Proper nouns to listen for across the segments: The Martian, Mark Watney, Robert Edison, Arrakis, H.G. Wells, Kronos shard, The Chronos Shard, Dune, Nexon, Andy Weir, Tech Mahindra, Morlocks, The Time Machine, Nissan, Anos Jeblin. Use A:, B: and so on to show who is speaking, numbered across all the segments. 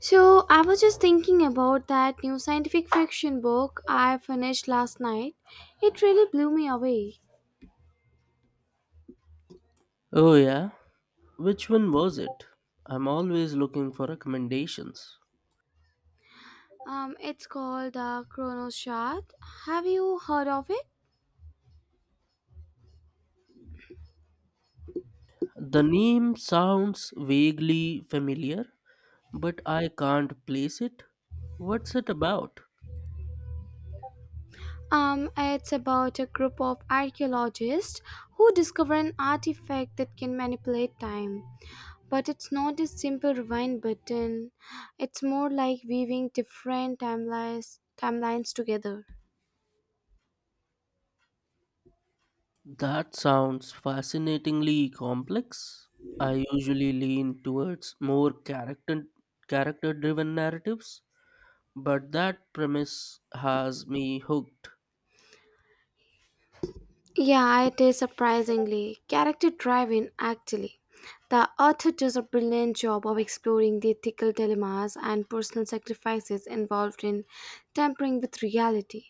A: So, I was just thinking about that new scientific fiction book I finished last night. It really blew me away.
B: Oh, yeah? Which one was it? I'm always looking for recommendations.
A: It's called the Chronos Shard. Have you heard of it?
B: The name sounds vaguely familiar, but I can't place it. What's it about?
A: It's about a group of archaeologists who discover an artifact that can manipulate time. But it's not a simple rewind button. It's more like weaving different timelines together.
B: That sounds fascinatingly complex. I usually lean towards more character driven narratives, but that premise has me hooked.
A: Yeah, it is surprisingly character driven actually. The author does a brilliant job of exploring the ethical dilemmas and personal sacrifices involved in tampering with reality.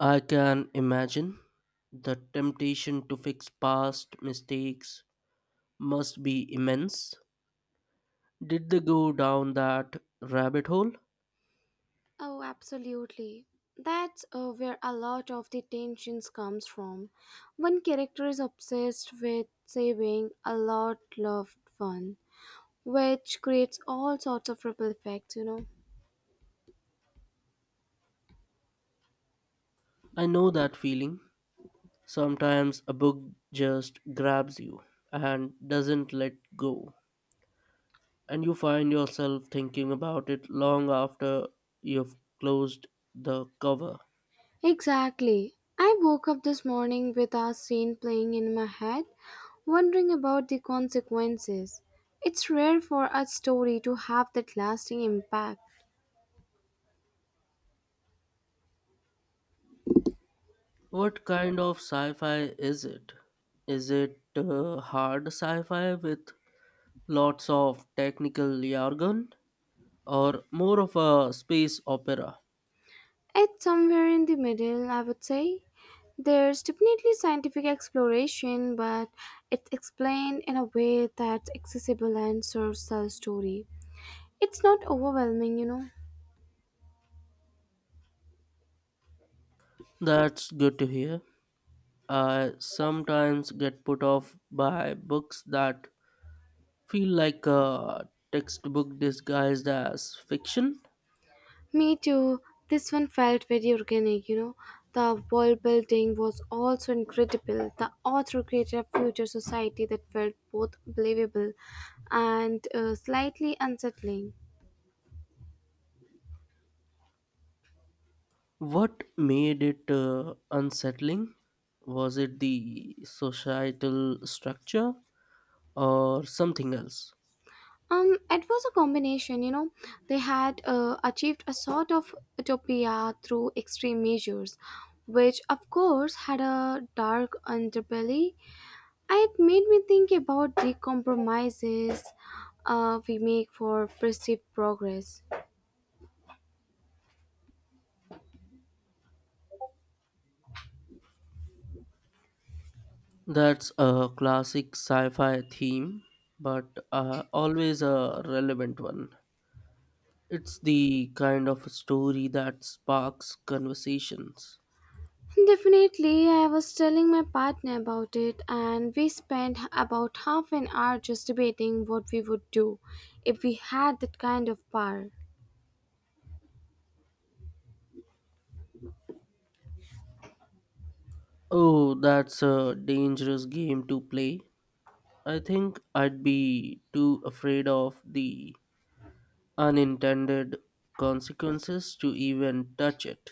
B: I can imagine the temptation to fix past mistakes must be immense. Did they go down that rabbit hole?
A: Oh, absolutely. That's where a lot of the tensions comes from. One character is obsessed with saving a lot loved one, which creates all sorts of ripple effects.
B: I know that feeling. Sometimes a book just grabs you and doesn't let go, and you find yourself thinking about it long after you've closed the cover.
A: Exactly. I woke up this morning with our scene playing in my head, wondering about the consequences. It's rare for a story to have that lasting impact.
B: What kind of sci fi is it? Is it hard sci fi with lots of technical jargon, or more of a space opera?
A: It's somewhere in the middle, I would say. There's definitely scientific exploration, but it's explained in a way that's accessible and serves the story. It's not overwhelming.
B: That's good to hear. I sometimes get put off by books that feel like a textbook disguised as fiction.
A: Me too. This one felt very organic. The world building was also incredible. The author created a future society that felt both believable and slightly unsettling.
B: What made it unsettling? Was it the societal structure or something else?
A: It was a combination. They had achieved a sort of utopia through extreme measures, which of course had a dark underbelly. It made me think about the compromises we make for perceived progress.
B: That's a classic sci fi theme, but always a relevant one. It's the kind of story that sparks conversations.
A: Definitely, I was telling my partner about it, and we spent about half an hour just debating what we would do if we had that kind of power.
B: Oh, that's a dangerous game to play. I think I'd be too afraid of the unintended consequences to even touch it.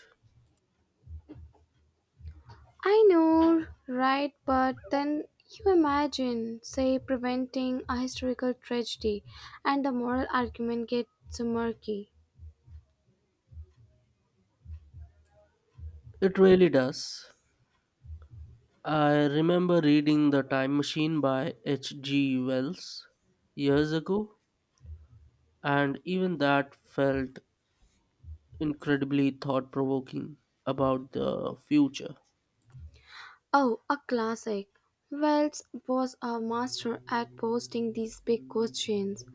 A: I know, right? But then you imagine, say, preventing a historical tragedy, and the moral argument gets so murky.
B: It really does. I remember reading The Time Machine by H.G. Wells years ago, and even that felt incredibly thought provoking about the future.
A: Oh, a classic. Wells was a master at posting these big questions.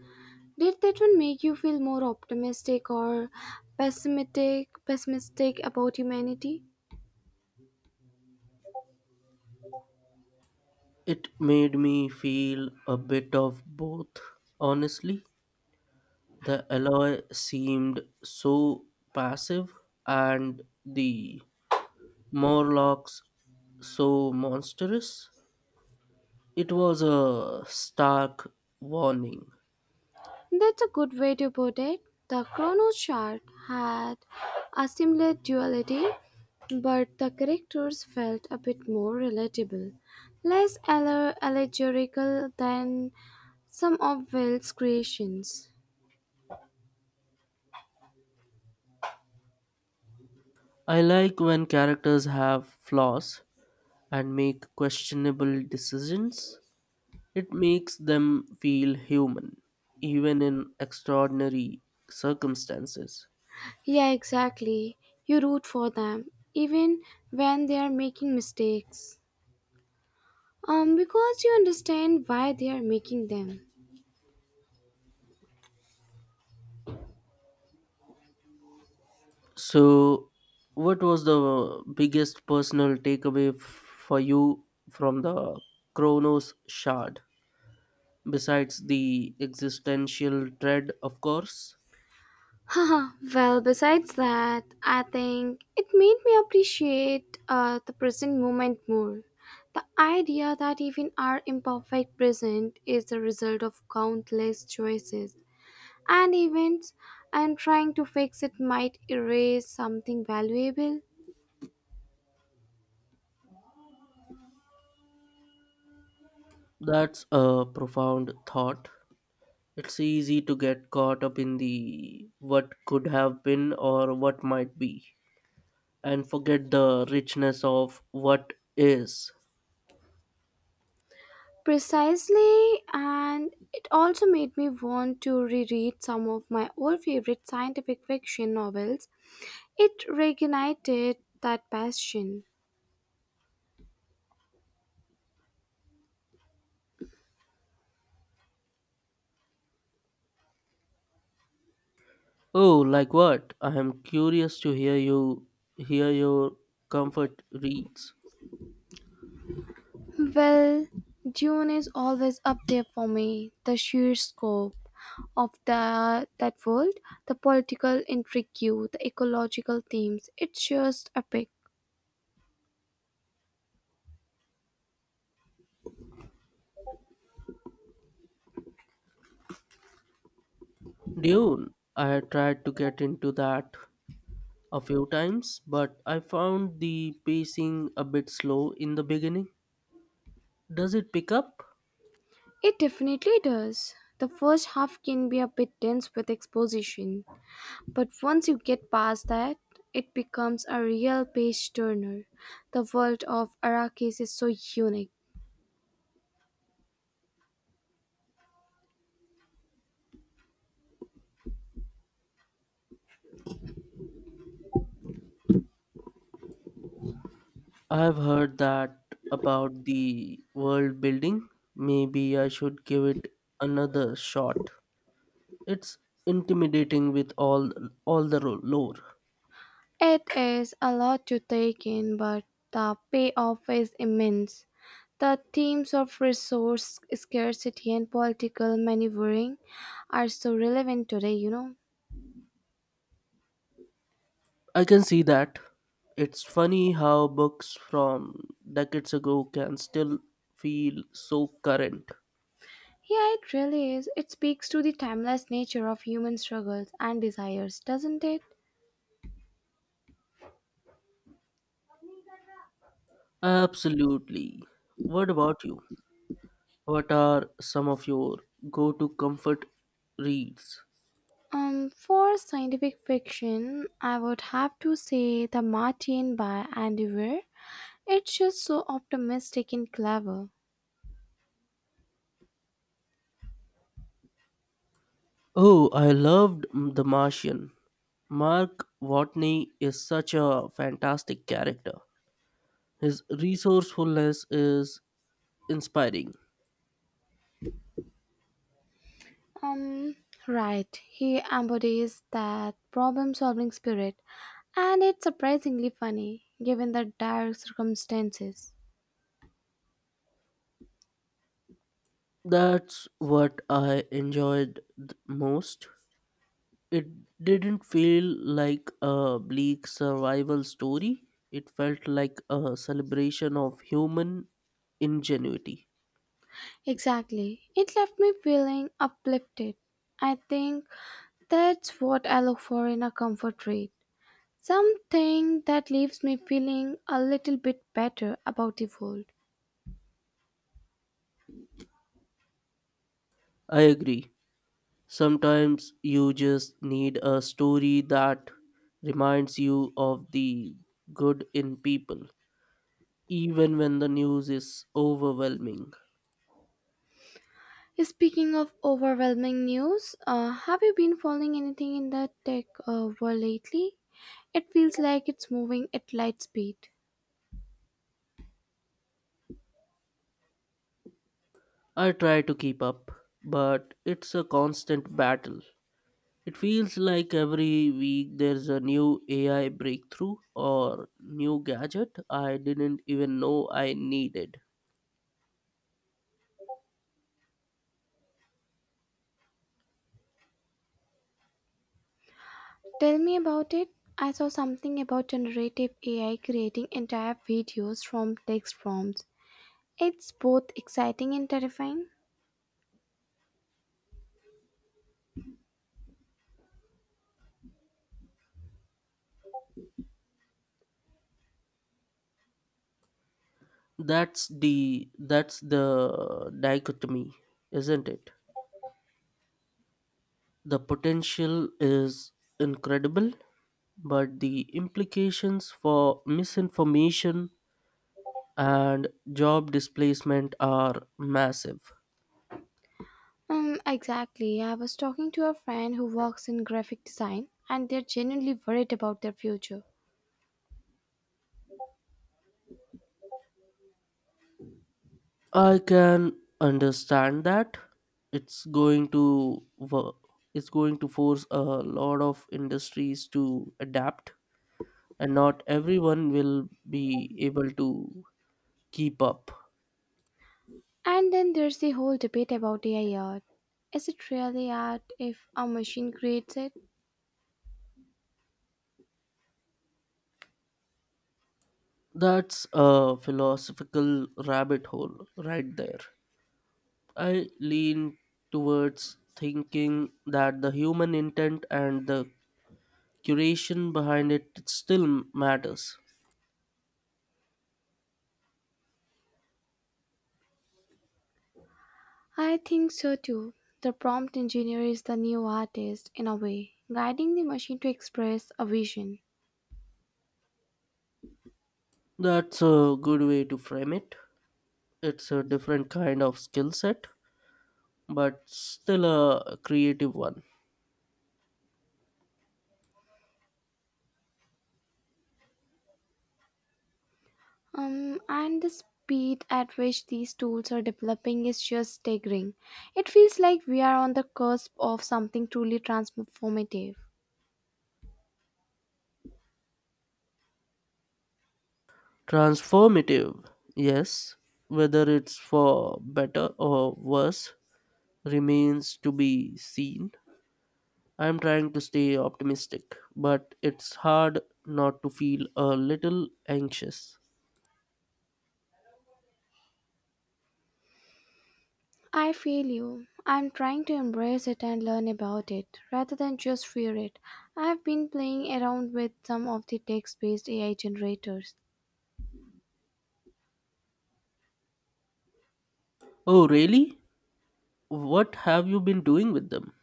A: Did that one make you feel more optimistic or pessimistic about humanity?
B: It made me feel a bit of both, honestly. The alloy seemed so passive and the Morlocks so monstrous. It was a stark warning.
A: That's a good way to put it. The chrono chart had a similar duality, but the characters felt a bit more relatable, less allegorical than some of Wells' creations.
B: I like when characters have flaws and make questionable decisions. It makes them feel human, even in extraordinary circumstances.
A: Yeah, exactly. You root for them, even when they are making mistakes. Because you understand why they are making them.
B: So, what was the biggest personal takeaway for you from the Kronos shard? Besides the existential dread, of course.
A: Haha, well, besides that, I think it made me appreciate the present moment more. The idea that even our imperfect present is the result of countless choices and events, and trying to fix it might erase something valuable.
B: That's a profound thought. It's easy to get caught up in the what could have been or what might be, and forget the richness of what is.
A: Precisely, and it also made me want to reread some of my old favorite scientific fiction novels. It reignited that passion.
B: Oh, like what? I am curious to hear your comfort reads.
A: Well, Dune is always up there for me. The sheer scope of the that world, the political intrigue, the ecological themes, it's just epic.
B: Dune, I tried to get into that a few times, but I found the pacing a bit slow in the beginning. Does it pick up?
A: It definitely does. The first half can be a bit dense with exposition, but once you get past that, it becomes a real page turner. The world of Arrakis is so unique.
B: I've heard that about the world building. Maybe I should give it another shot. It's intimidating with all the lore.
A: It is a lot to take in, but the payoff is immense. The themes of resource scarcity and political maneuvering are so relevant today.
B: I can see that. It's funny how books from decades ago can still feel so current.
A: Yeah, it really is. It speaks to the timeless nature of human struggles and desires, doesn't it?
B: Absolutely. What about you? What are some of your go to comfort reads?
A: For scientific fiction, I would have to say The Martian by Andy Weir. It's just so optimistic and clever.
B: Oh, I loved The Martian. Mark Watney is such a fantastic character. His resourcefulness is inspiring.
A: Um, right. He embodies that problem solving spirit, and it's surprisingly funny given the dire circumstances.
B: That's what I enjoyed most. It didn't feel like a bleak survival story, it felt like a celebration of human ingenuity.
A: Exactly. It left me feeling uplifted. I think that's what I look for in a comfort read. Something that leaves me feeling a little bit better about the world.
B: I agree. Sometimes you just need a story that reminds you of the good in people, even when the news is overwhelming.
A: Speaking of overwhelming news, have you been following anything in the tech world lately? It feels like it's moving at light speed.
B: I try to keep up, but it's a constant battle. It feels like every week there's a new AI breakthrough or new gadget I didn't even know I needed.
A: Tell me about it. I saw something about generative AI creating entire videos from text prompts. It's both exciting and terrifying.
B: That's the dichotomy, isn't it? The potential is incredible, but the implications for misinformation and job displacement are massive.
A: Exactly. I was talking to a friend who works in graphic design and they're genuinely worried about their future.
B: I can understand that it's going to wo- it's going to force a lot of industries to adapt and not everyone will be able to keep up.
A: And then there's the whole debate about AI art. Is it really art if a machine creates it?
B: That's a philosophical rabbit hole right there. I lean towards thinking that the human intent and the curation behind it still matters.
A: I think so too. The prompt engineer is the new artist in a way, guiding the machine to express a vision.
B: That's a good way to frame it. It's a different kind of skill set, but still a creative one.
A: And the speed at which these tools are developing is just staggering. It feels like we are on the cusp of something truly transformative.
B: Transformative, yes, whether it's for better or worse remains to be seen. I'm trying to stay optimistic, but it's hard not to feel a little anxious.
A: I feel you. I'm trying to embrace it and learn about it rather than just fear it. I've been playing around with some of the text based AI generators.
B: Oh, really? What have you been doing with them?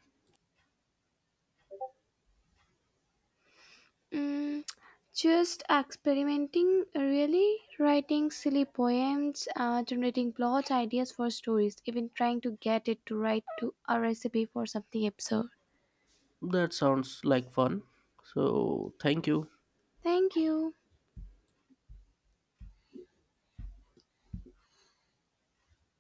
A: Mm, just experimenting, really, writing silly poems, generating plot ideas for stories, even trying to get it to write to a recipe for something absurd.
B: That sounds like fun. So, thank you.
A: Thank you.